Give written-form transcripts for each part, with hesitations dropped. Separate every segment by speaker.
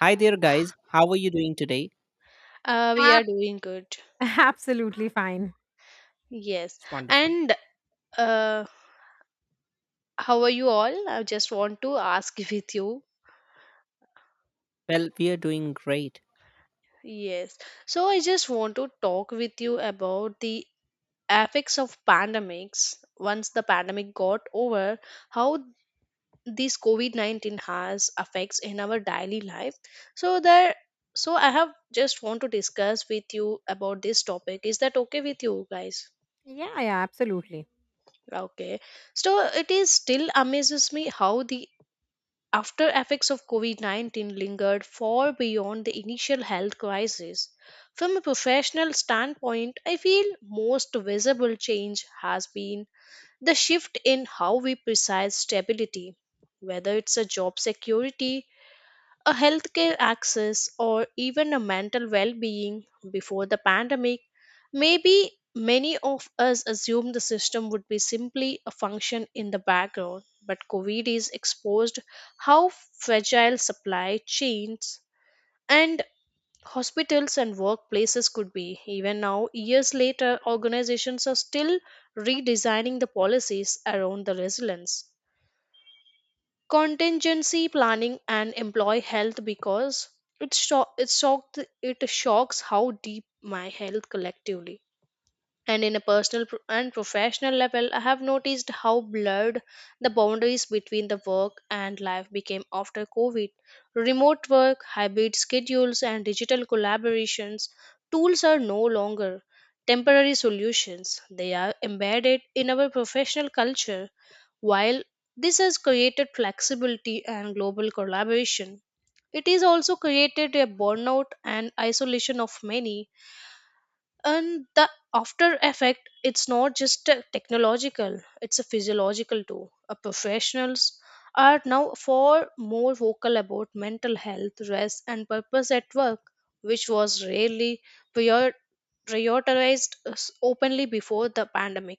Speaker 1: Hi there, guys. How are you doing today?
Speaker 2: We
Speaker 3: Ab
Speaker 2: are doing good.
Speaker 3: absolutely fine.
Speaker 2: Yes.
Speaker 1: It's wonderful.
Speaker 2: And uh, how are you all? I just want to ask with you.
Speaker 1: Well, we are doing great.
Speaker 2: Yes. So I just want to talk with you about the effects of pandemics. Once the pandemic got over, how this COVID-19 has effects in our daily life. So there, so I have just want to discuss with you about this topic. Is that okay with you guys?
Speaker 3: Yeah, yeah, absolutely.
Speaker 2: Okay. So it is still amazes me how the after effects of COVID-19 lingered far beyond the initial health crisis. From a professional standpoint, I feel most visible change has been the shift in how we precise stability, whether it's a job security, a healthcare access, or even a mental well-being. Before the pandemic, maybe many of us assumed the system would be simply a function in the background, but COVID is exposed how fragile supply chains and hospitals and workplaces could be. Even now years later, organizations are still redesigning the policies around the resilience, contingency planning, and employee health, because it shock it shocked it shocks how deep my health collectively. And in a personal pro- and professional level, I have noticed how blurred the boundaries between the work and life became after COVID. Remote work, hybrid schedules, and digital collaborations tools are no longer temporary solutions. They are embedded in our professional culture. While this has created flexibility and global collaboration, it is also created a burnout and isolation of many. And the after effect, it's not just a technological, it's a physiological too. Professionals are now far more vocal about mental health, rest, and purpose at work, which was rarely prior- prioritized openly before the pandemic.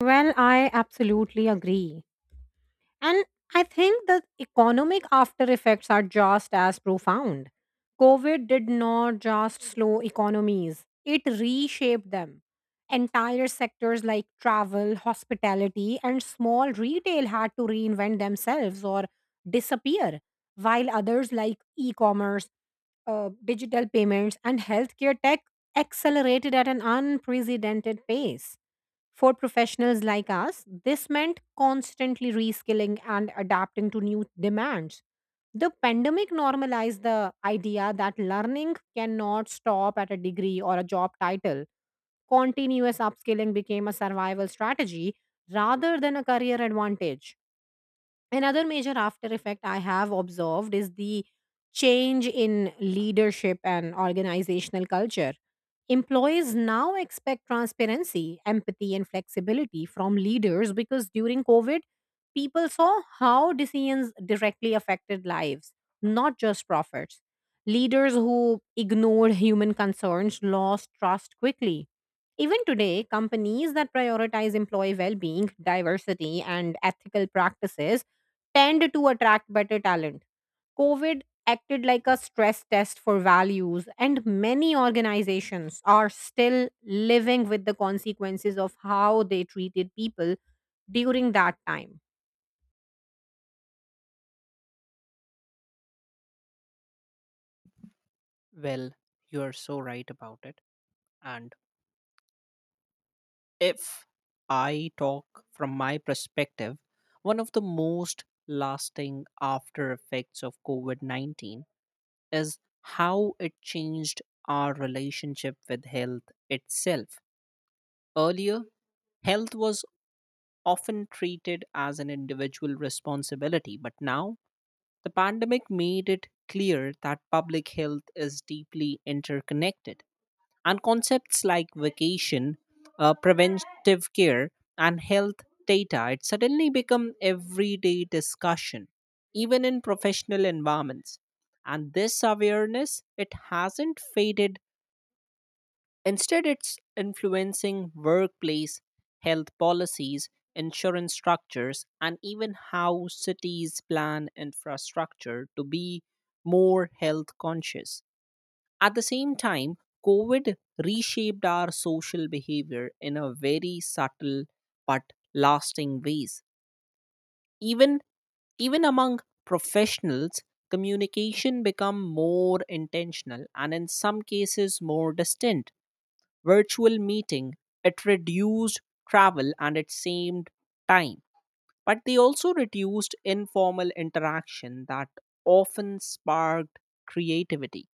Speaker 3: Well, I absolutely agree. And I think the economic after effects are just as profound. COVID did not just slow economies, it reshaped them. Entire sectors like travel, hospitality, and small retail had to reinvent themselves or disappear, while others like e commerce digital payments, and healthcare tech accelerated at an unprecedented pace. For professionals like us, this meant constantly reskilling and adapting to new demands. The pandemic normalized the idea that learning cannot stop at a degree or a job title. Continuous upskilling became a survival strategy rather than a career advantage. Another major after effect I have observed is the change in leadership and organizational culture. Employees now expect transparency, empathy, and flexibility from leaders because during COVID, people saw how decisions directly affected lives, not just profits. Leaders who ignored human concerns lost trust quickly even today, companies that prioritize employee well being, diversity, and ethical practices tend to attract better talent. COVID acted like a stress test for values, and many organizations are still living with the consequences of how they treated people during that time.
Speaker 1: Well, you are so right about it. And if I talk from my perspective, one of the most lasting after effects of COVID 19 is how it changed our relationship with health itself. Earlier, health was often treated as an individual responsibility, but now the pandemic made it clear that public health is deeply interconnected, and concepts like vacation, preventive care, and health data it suddenly become everyday discussion, even in professional environments. And this awareness it hasn't faded. Instead, it's influencing workplace, health policies, insurance structures, and even how cities plan infrastructure to be more health conscious. At the same time, COVID reshaped our social behavior in a very subtle but lasting ways. Even even among professionals, communication become more intentional and in some cases more distant virtual meeting. It reduced travel and it saved time. But they also reduced informal interaction that often sparked creativity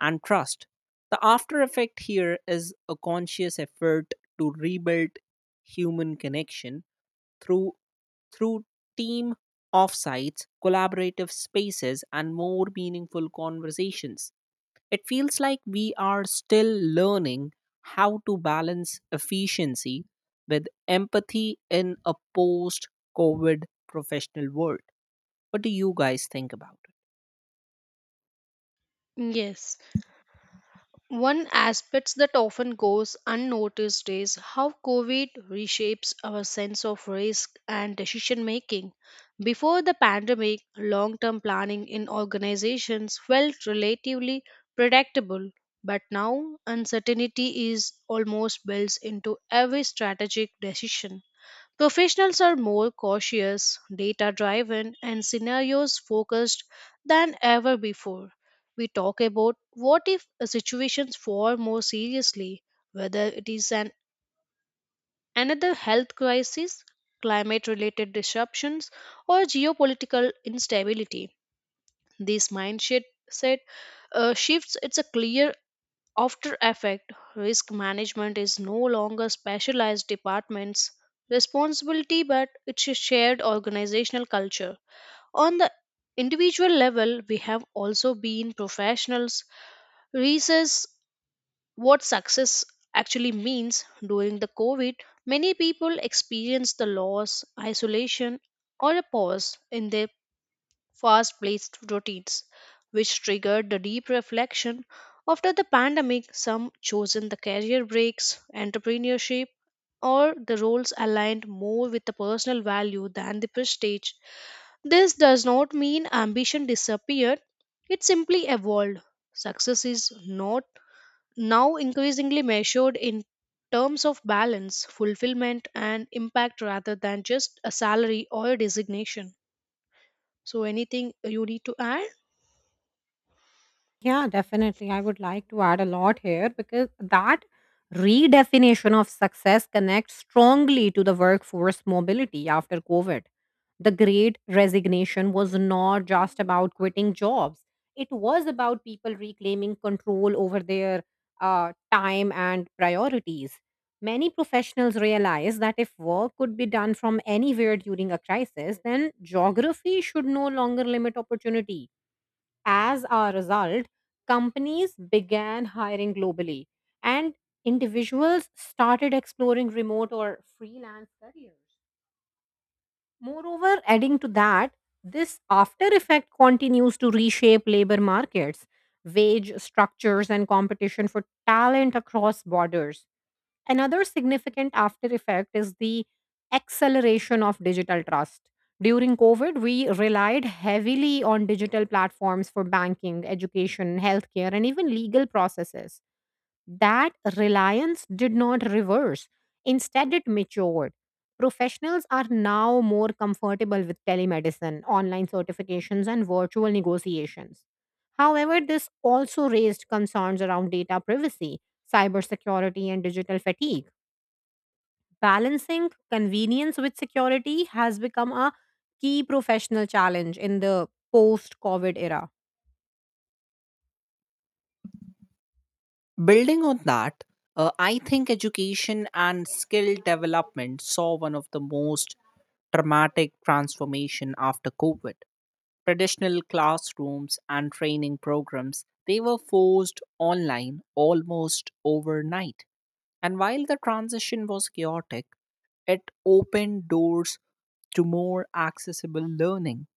Speaker 1: and trust. The after effect here is a conscious effort to rebuild human connection through through team offsites, collaborative spaces, and more meaningful conversations. It feels like we are still learning how to balance efficiency with empathy in a post COVID professional world. What do you guys think about it?
Speaker 2: Yes. One aspect that often goes unnoticed is how COVID reshapes our sense of risk and decision making. Before the pandemic, long term planning in organizations felt relatively predictable, but now uncertainty is almost built into every strategic decision. Professionals are more cautious, data driven, and scenarios focused than ever before. We talk about what if a situations far more seriously, whether it is an another health crisis, climate related disruptions, or geopolitical instability. This mindset set, uh, shifts it's a clear after effect. Risk management is no longer specialized departments' responsibility, but it's a shared organizational culture. On the individual level, we have also been professionals reassess what success actually means during the COVID. Many people experienced the loss, isolation, or a pause in their fast paced routines, which triggered the deep reflection. After the pandemic, some chosen the career breaks, entrepreneurship, or the roles aligned more with the personal value than the prestige. This does not mean ambition disappeared, it simply evolved. Success is not now increasingly measured in terms of balance, fulfillment, and impact rather than just a salary or a designation. So, anything you need to add?
Speaker 3: Yeah, definitely. I would like to add a lot here because that redefinition of success connects strongly to the workforce mobility after COVID. The great resignation was not just about quitting jobs, it was about people reclaiming control over their time and priorities. Many professionals realized that if work could be done from anywhere during a crisis, then geography should no longer limit opportunity. As a result, companies began hiring globally and individuals started exploring remote or freelance careers. Moreover, adding to that, this after effect continues to reshape labor markets, wage structures, and competition for talent across borders. Another significant after effect is the acceleration of digital trust. During COVID, we relied heavily on digital platforms for banking, education, healthcare, and even legal processes that reliance did not reverse. Instead, it matured. Professionals are now more comfortable with telemedicine, online certifications, and virtual negotiations. However, this also raised concerns around data privacy, cybersecurity, and digital fatigue. Balancing convenience with security has become a key professional challenge in the post COVID era.
Speaker 1: Building on that, I think education and skill development saw one of the most dramatic transformation after COVID. Traditional classrooms and training programs, they were forced online almost overnight. And while the transition was chaotic, it opened doors to more accessible learning.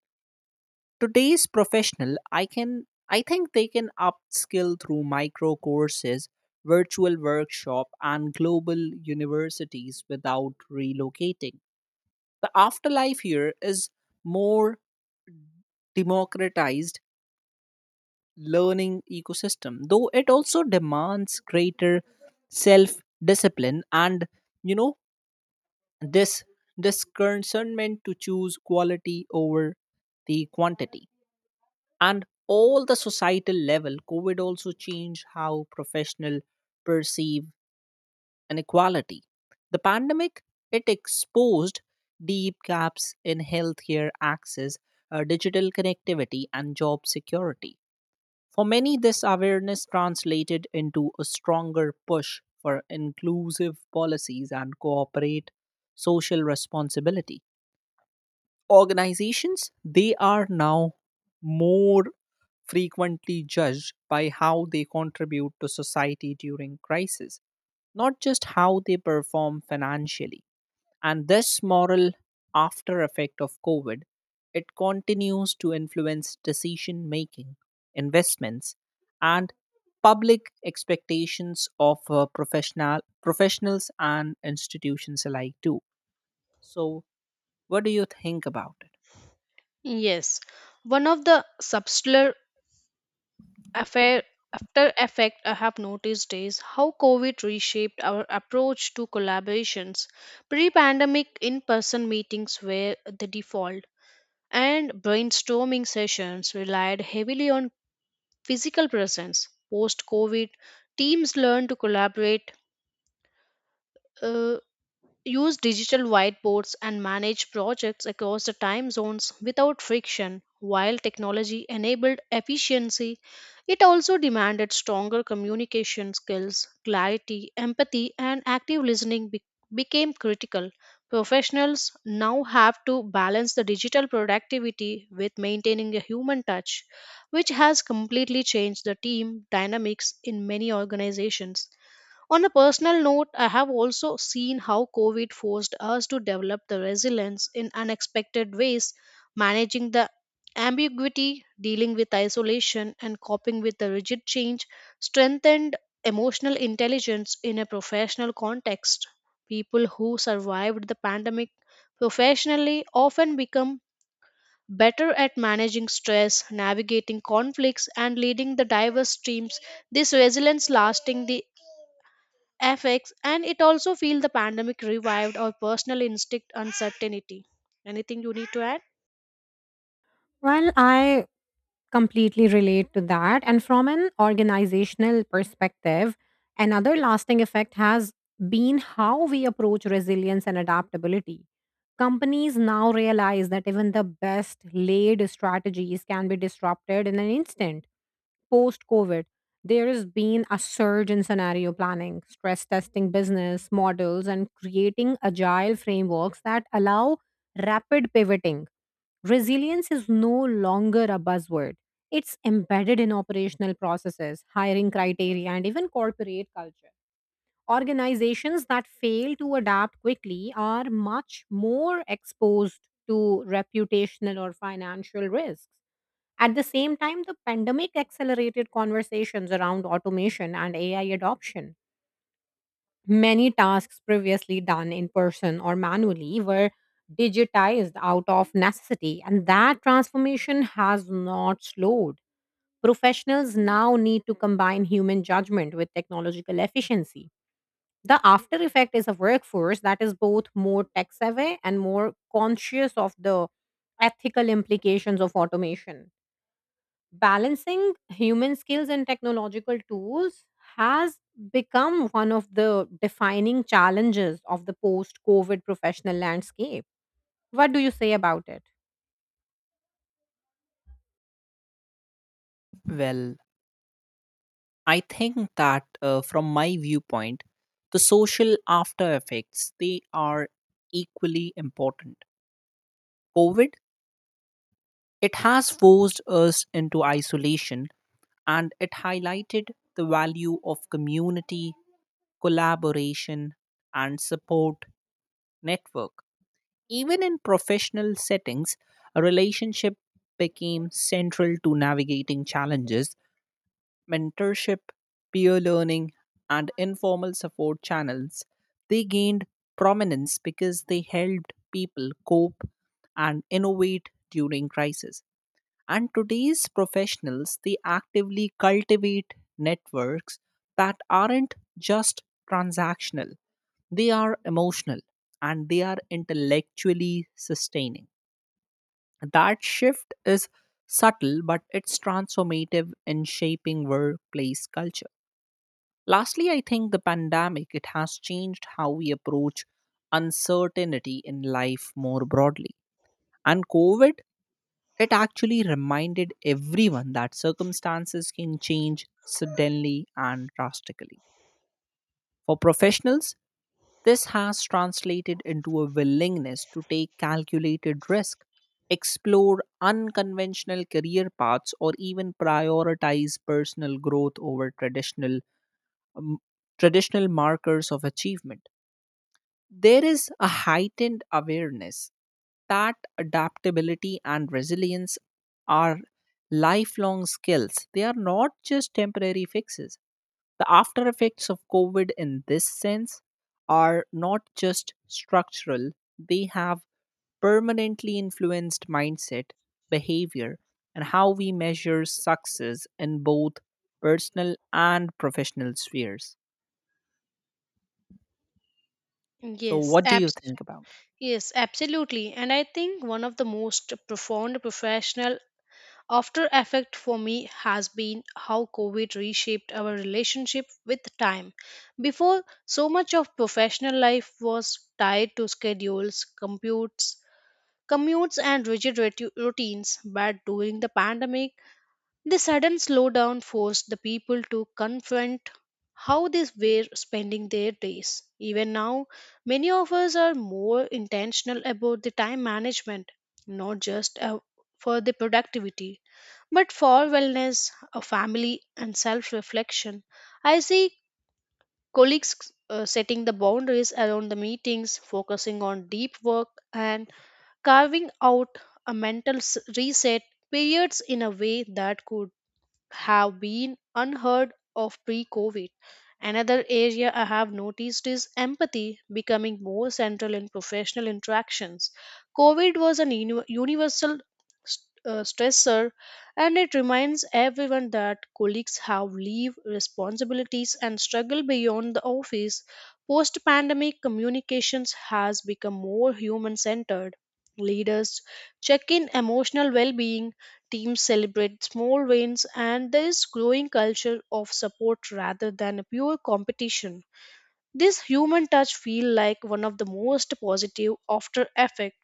Speaker 1: Today's professional, I think they can upskill through micro courses, virtual workshop and global universities without relocating. The afterlife here is more democratized learning ecosystem, though it also demands greater self discipline and you know this discernment to choose quality over the quantity. And all the societal level, COVID also changed how professional perceive inequality. The pandemic, it exposed deep gaps in healthcare access, digital connectivity, and job security. For many, this awareness translated into a stronger push for inclusive policies and corporate social responsibility. Organizations they are now more frequently judged by how they contribute to society during crisis, not just how they perform financially. And this moral after effect of COVID, it continues to influence decision making, investments, and public expectations of professionals and institutions alike too. So what do you think about it?
Speaker 2: Yes, one of the subtler affair, after effect I have noticed is how COVID reshaped our approach to collaborations. Pre-pandemic in-person meetings were the default, and brainstorming sessions relied heavily on physical presence. Post-COVID, teams learned to collaborate, uh, use digital whiteboards and manage projects across the time zones without friction. While technology enabled efficiency, it also demanded stronger communication skills. Clarity, empathy, and active became critical. Professionals now have to balance the digital productivity with maintaining a human touch, which has completely changed the team dynamics in many organizations. On a personal note, I have also seen how COVID forced us to develop the resilience in unexpected ways, managing the ambiguity, dealing with isolation, and coping with the rigid change, strengthened emotional intelligence in a professional context. People who survived the pandemic professionally often become better at managing stress, navigating conflicts, and leading the diverse teams. This resilience lasting the affects, and it also feel the pandemic revived our personal instinct uncertainty. Anything you need to add?
Speaker 3: Well, I completely relate to that. And from an organizational perspective, another lasting effect has been how we approach resilience and adaptability. Companies now realize that even the best laid strategies can be disrupted in an instant. Post COVID, there has been a surge in scenario planning, stress testing business models, and creating agile frameworks that allow rapid pivoting. Resilience is no longer a buzzword. It's embedded in operational processes, hiring criteria, and even corporate culture. Organizations that fail to adapt quickly are much more exposed to reputational or financial risks. At the same time, the pandemic accelerated conversations around automation and AI adoption. Many tasks previously done in person or manually were digitized out of necessity, and that transformation has not slowed. Professionals now need to combine human judgment with technological efficiency. The after effect is a workforce that is both more tech savvy and more conscious of the ethical implications of automation. Balancing human skills and technological tools has become one of the defining challenges of the post COVID professional landscape. What do you say about it?
Speaker 1: Well, I think that from my viewpoint, the social after effects they are equally important. COVID it has forced us into isolation and it highlighted the value of community, collaboration, and support network. Even in professional settings, a relationship became central to navigating challenges. Mentorship, peer learning, and informal support channels, they gained prominence because they helped people cope and innovate during crisis. And today's professionals, they actively cultivate networks that aren't just transactional, they are emotional and they are intellectually sustaining. That shift is subtle, but it's transformative in shaping workplace culture. Lastly, I think the pandemic it has changed how we approach uncertainty in life more broadly. And COVID, it actually reminded everyone that circumstances can change suddenly and drastically. For professionals, this has translated into a willingness to take calculated risk, explore unconventional career paths, or even prioritize personal growth over um, traditional markers of achievement. There is a heightened awareness that adaptability and resilience are lifelong skills. They are not just temporary fixes. The after effects of COVID in this sense are not just structural, they have permanently influenced mindset, behavior, and how we measure success in both personal and professional spheres. So,
Speaker 2: yes
Speaker 1: what do you
Speaker 2: abs-
Speaker 1: think about it?
Speaker 2: yes, absolutely. And I think one of the most profound professional after effect for me has been how COVID reshaped our relationship with time. Before, so much of professional life was tied to schedules computes commutes and rigid routines, but during the pandemic the sudden slowdown forced the people to confront how they were spending their days. Even now, many of us are more intentional about the time management, not just for the productivity, but for wellness, a family, and self reflection. I see colleagues setting the boundaries around the meetings, focusing on deep work, and carving out a mental reset periods in a way that could have been unheard of pre COVID. Another area I have noticed is empathy becoming more central in professional interactions. COVID was an universal stressor, and it reminds everyone that colleagues have leave responsibilities and struggle beyond the office. Post pandemic communications has become more human centered. Leaders check in emotional well being, teams celebrate small wins, and there is growing culture of support rather than a pure competition. This human touch feel like one of the most positive after effect,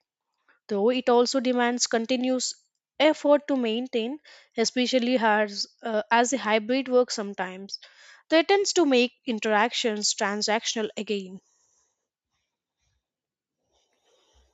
Speaker 2: though it also demands continuous effort to maintain, especially as a hybrid work sometimes threatens to make interactions transactional again.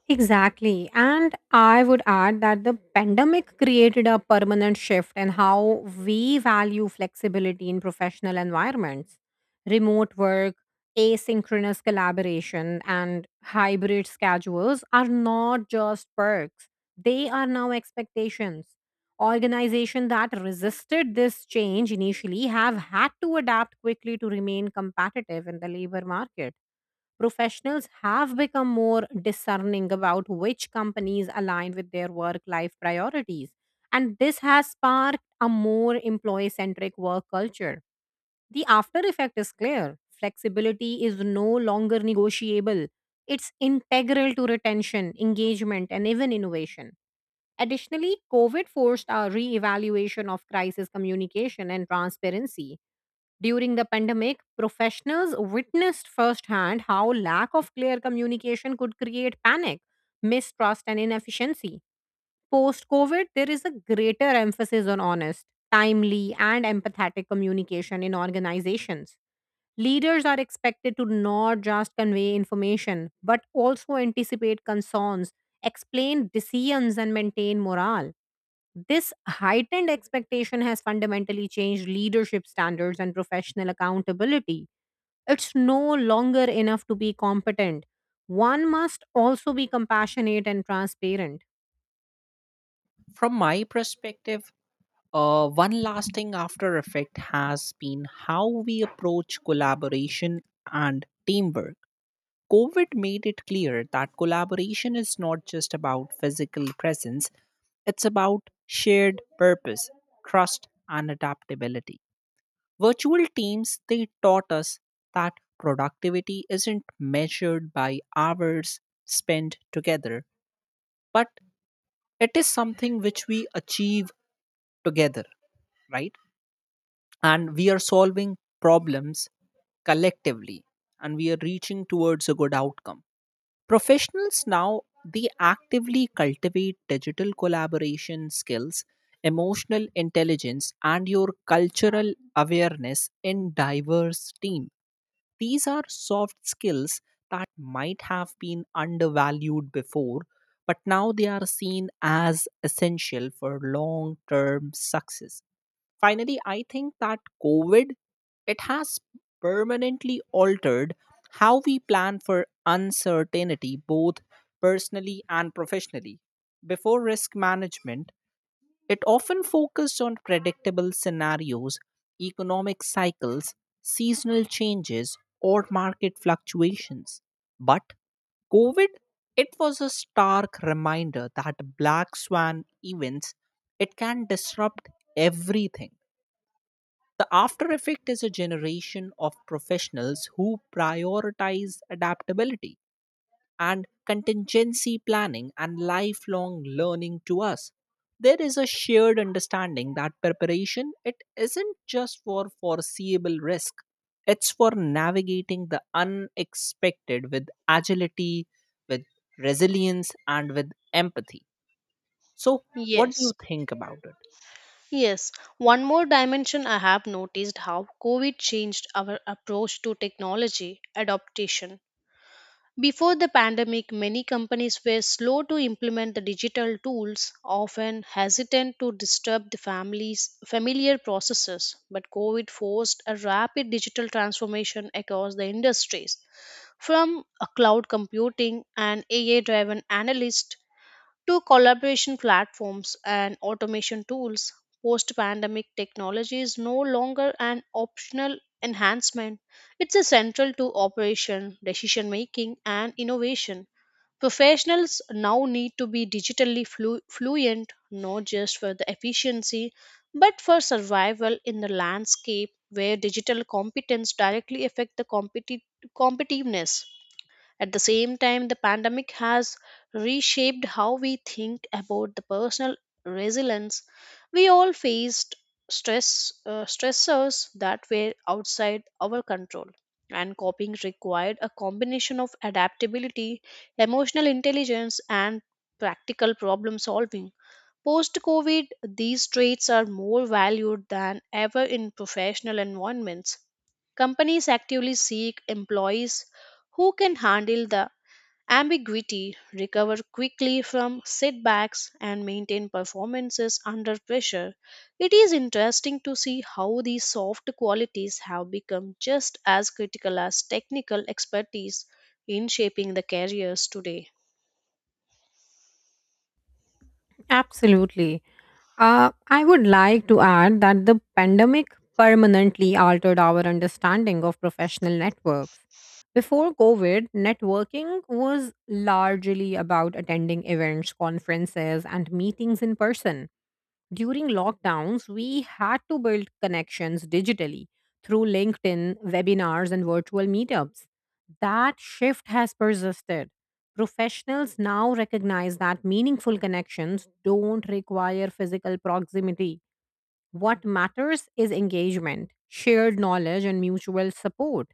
Speaker 3: Exactly. And I would add that the pandemic created a permanent shift in how we value flexibility in professional environments. Remote work, asynchronous collaboration, and hybrid schedules are not just perks, they are now expectations. Organizations that resisted this change initially have had to adapt quickly to remain competitive in the labor market. Professionals have become more discerning about which companies align with their work life priorities. And this has sparked a more employee centric work culture. The after effect is clear flexibility is no longer negotiable, it's integral to retention, engagement, and even innovation. Additionally, COVID forced a re evaluation of crisis communication and transparency during the pandemic, professionals witnessed firsthand how lack of clear communication could create panic, mistrust, and inefficiency. Post COVID, there is a greater emphasis on honest, timely, and empathetic communication in organizations. Leaders are expected to not just convey information, but also anticipate concerns, explain decisions, and maintain morale. This heightened expectation has fundamentally changed leadership standards and professional accountability. It's no longer enough to be competent. One must also be compassionate and transparent.
Speaker 1: From my perspective, one lasting after effect has been how we approach collaboration and teamwork. COVID made it clear that collaboration is not just about physical presence, it's about shared purpose, trust, and adaptability. Virtual teams, they taught us that productivity isn't measured by hours spent together, but it is something which we achieve together, right? And we are solving problems collectively and we are reaching towards a good outcome. Professionals now they actively cultivate digital collaboration skills, emotional intelligence and your cultural awareness in diverse team. These are soft skills that might have been undervalued before but now they are seen as essential for long term success. Finally, I think that COVID it has permanently altered how we plan for uncertainty both personally and professionally. Before risk management, it often focused on predictable scenarios, economic cycles, seasonal changes, or market fluctuations. But COVID, it was a stark reminder that black swan events, it can disrupt everything. The after effect is a generation of professionals who prioritize adaptability and contingency planning and lifelong learning to us. There is a shared understanding that preparation it isn't just for foreseeable risk. It's for navigating the unexpected with agility, with resilience and with empathy. So what do
Speaker 2: Yes.
Speaker 1: you think about it?
Speaker 2: Yes, one more dimension I have noticed how COVID changed our approach to technology adaptation. Before the pandemic, many companies were slow to implement the digital tools, often hesitant to disturb the family's familiar processes. But COVID forced a rapid digital transformation across the industries. From a cloud computing and AI driven analyst to collaboration platforms and automation tools. Post pandemic technology is no longer an optional enhancement, it's essential to operation, decision making, and innovation. Professionals now need to be fluent, not just for the efficiency, but for survival in the landscape where digital competence directly affect the competitiveness. At the same time, the pandemic has reshaped how we think about the personal resilience. We all faced stress stressors that were outside our control, and coping required a combination of adaptability, emotional intelligence, and practical problem solving. Post COVID, these traits are more valued than ever in professional environments. Companies actively seek employees who can handle the ambiguity, recover quickly from setbacks, and maintain performances under pressure. It is interesting to see how these soft qualities have become just as critical as technical expertise in shaping the careers today.
Speaker 3: Absolutely. I would like to add that the pandemic permanently altered our understanding of professional networks. Before COVID, networking was largely about attending events, conferences, and meetings in person. During lockdowns, we had to build connections digitally through LinkedIn, webinars, and virtual meetups. That shift has persisted. Professionals now recognize that meaningful connections don't require physical proximity. What matters is engagement, shared knowledge, and mutual support.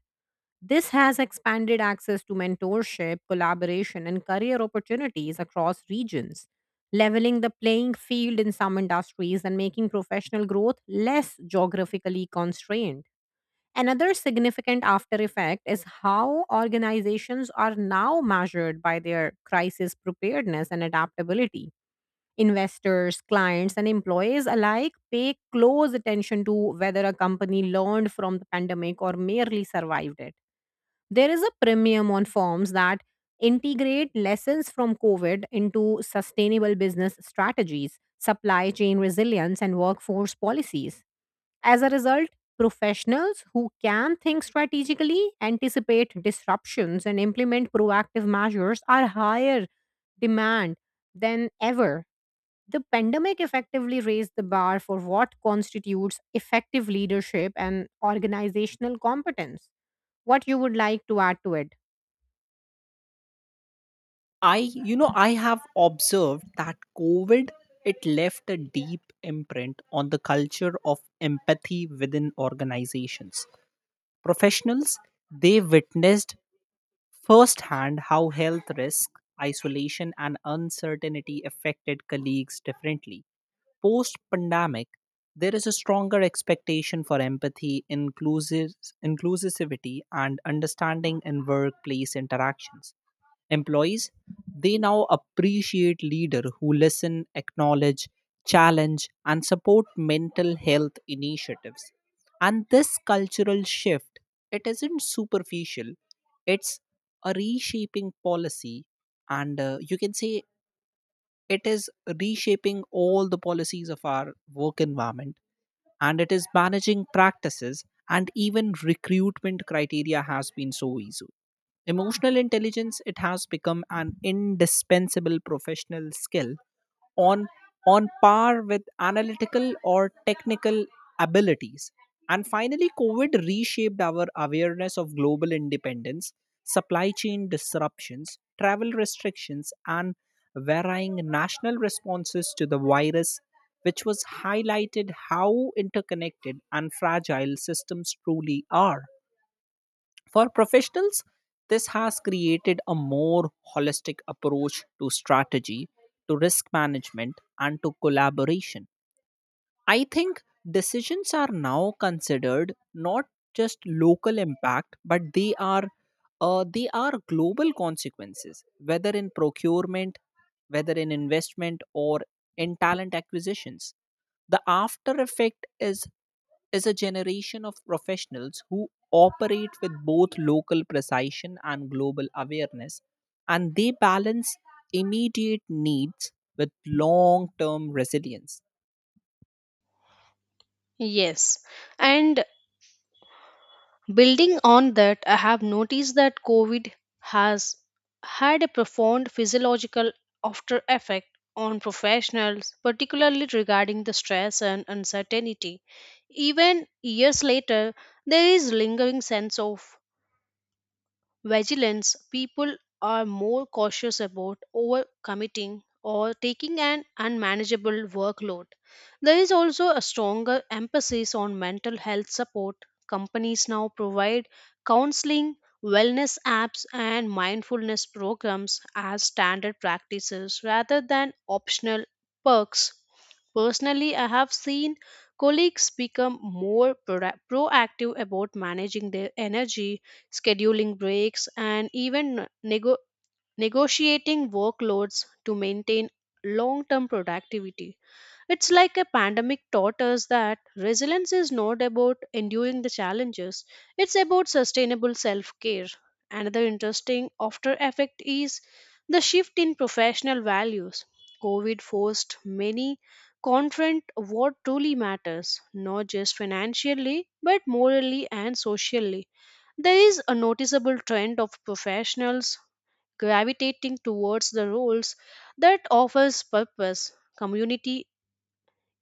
Speaker 3: This has expanded access to mentorship, collaboration, and career opportunities across regions, leveling the playing field in some industries and making professional growth less geographically constrained. Another significant after effect is how organizations are now measured by their crisis preparedness and adaptability. Investors, clients, and employees alike pay close attention to whether a company learned from the pandemic or merely survived it. There is a premium on firms that integrate lessons from COVID into sustainable business strategies, supply chain resilience, and workforce policies. As a result, professionals who can think strategically, anticipate disruptions, and implement proactive measures are higher demand than ever. The pandemic effectively raised the bar for what constitutes effective leadership and organizational competence. What you would like to add to it?
Speaker 1: I have observed that COVID it left a deep imprint on the culture of empathy within organizations. Professionals they witnessed firsthand how health risk, isolation, and uncertainty affected colleagues differently post pandemic. There is a stronger expectation for empathy, inclusivity, and understanding in workplace interactions. Employees, they now appreciate leader who listen, acknowledge, challenge, and support mental health initiatives. And this cultural shift, it isn't superficial; it's a reshaping policy, and you can say it is reshaping all the policies of our work environment and it is managing practices and even recruitment criteria has been so easy. Emotional intelligence, it has become an indispensable professional skill on on par with analytical or technical abilities. And finally, COVID reshaped our awareness of global independence, supply chain disruptions, travel restrictions, and varying national responses to the virus, which was highlighted how interconnected and fragile systems truly are. For professionals, this has created a more holistic approach to strategy, to risk management, and to collaboration. I think decisions are now considered not just local impact, but they are global consequences, whether in procurement, whether in investment, or in talent acquisitions. The after effect is a generation of professionals who operate with both local precision and global awareness, and they balance immediate needs with long term resilience.
Speaker 2: Yes, and building on that, I have noticed that COVID has had a profound physiological after effect on professionals, particularly regarding the stress and uncertainty. Even years later, there is lingering sense of vigilance. People are more cautious about overcommitting or taking an unmanageable workload. There is also a stronger emphasis on mental health support. Companies now provide counseling, wellness apps, and mindfulness programs as standard practices rather than optional perks. Personally, I have seen colleagues become more proactive about managing their energy, scheduling breaks, and even negotiating workloads to maintain long term productivity. It's like a pandemic taught us that resilience is not about enduring the challenges, it's about sustainable self care. Another interesting after effect is the shift in professional values. COVID forced many confront what truly matters, not just financially, but morally and socially. There is a noticeable trend of professionals gravitating towards the roles that offers purpose, community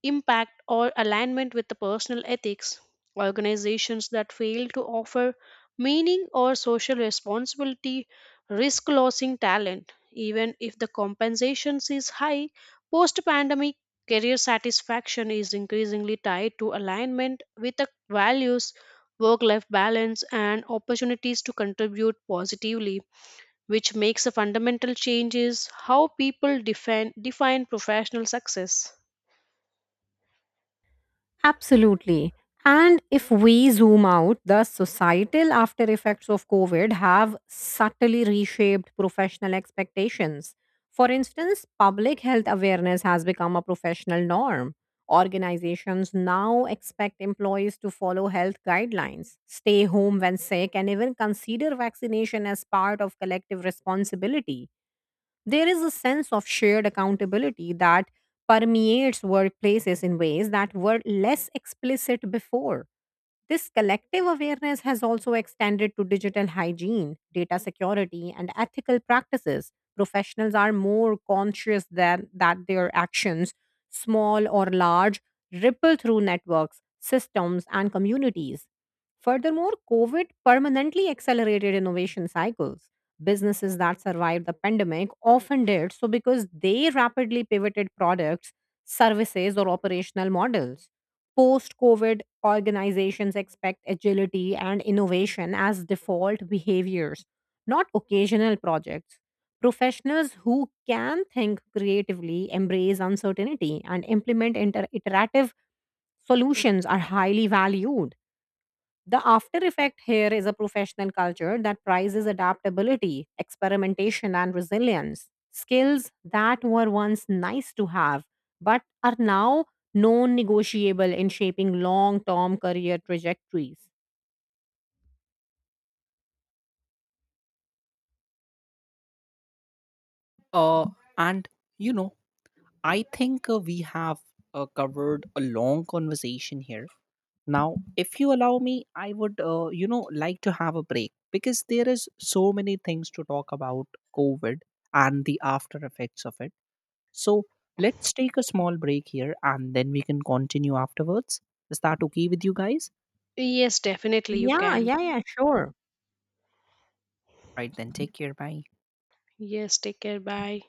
Speaker 2: impact, or alignment with the personal ethics. Organizations that fail to offer meaning or social responsibility risk losing talent, even if the compensation is high. Post pandemic, career satisfaction is increasingly tied to alignment with the values, work life balance, and opportunities to contribute positively, which makes a fundamental change is how people define professional success.
Speaker 3: Absolutely. And if we zoom out, the societal after effects of COVID have subtly reshaped professional expectations. For instance, public health awareness has become a professional norm. Organizations now expect employees to follow health guidelines, stay home when sick, and even consider vaccination as part of collective responsibility. There is a sense of shared accountability that permeates workplaces in ways that were less explicit before. This collective awareness has also extended to digital hygiene, data security, and ethical practices. Professionals are more conscious than that their actions, small or large, ripple through networks, systems, and communities. Furthermore, COVID permanently accelerated innovation cycles. Businesses that survived the pandemic often did so because they rapidly pivoted products, services, or operational models post COVID organizations expect agility and innovation as default behaviors, not occasional projects. Professionals who can think creatively, embrace uncertainty, and implement iterative solutions are highly valued. The after effect here is a professional culture that prizes adaptability, experimentation, and resilience. Skills that were once nice to have, but are now non negotiable in shaping long term career trajectories.
Speaker 1: Uh, and you know, I think we have covered a long conversation here. Now, if you allow me, I would, like to have a break because there is so many things to talk about COVID and the after effects of it. So let's take a small break here, and then we can continue afterwards. Is that okay with you guys?
Speaker 2: Yes, definitely you
Speaker 3: Yeah,
Speaker 2: can.
Speaker 3: yeah, yeah, sure.
Speaker 1: Right, then take care. Bye.
Speaker 2: Yes, take care. Bye.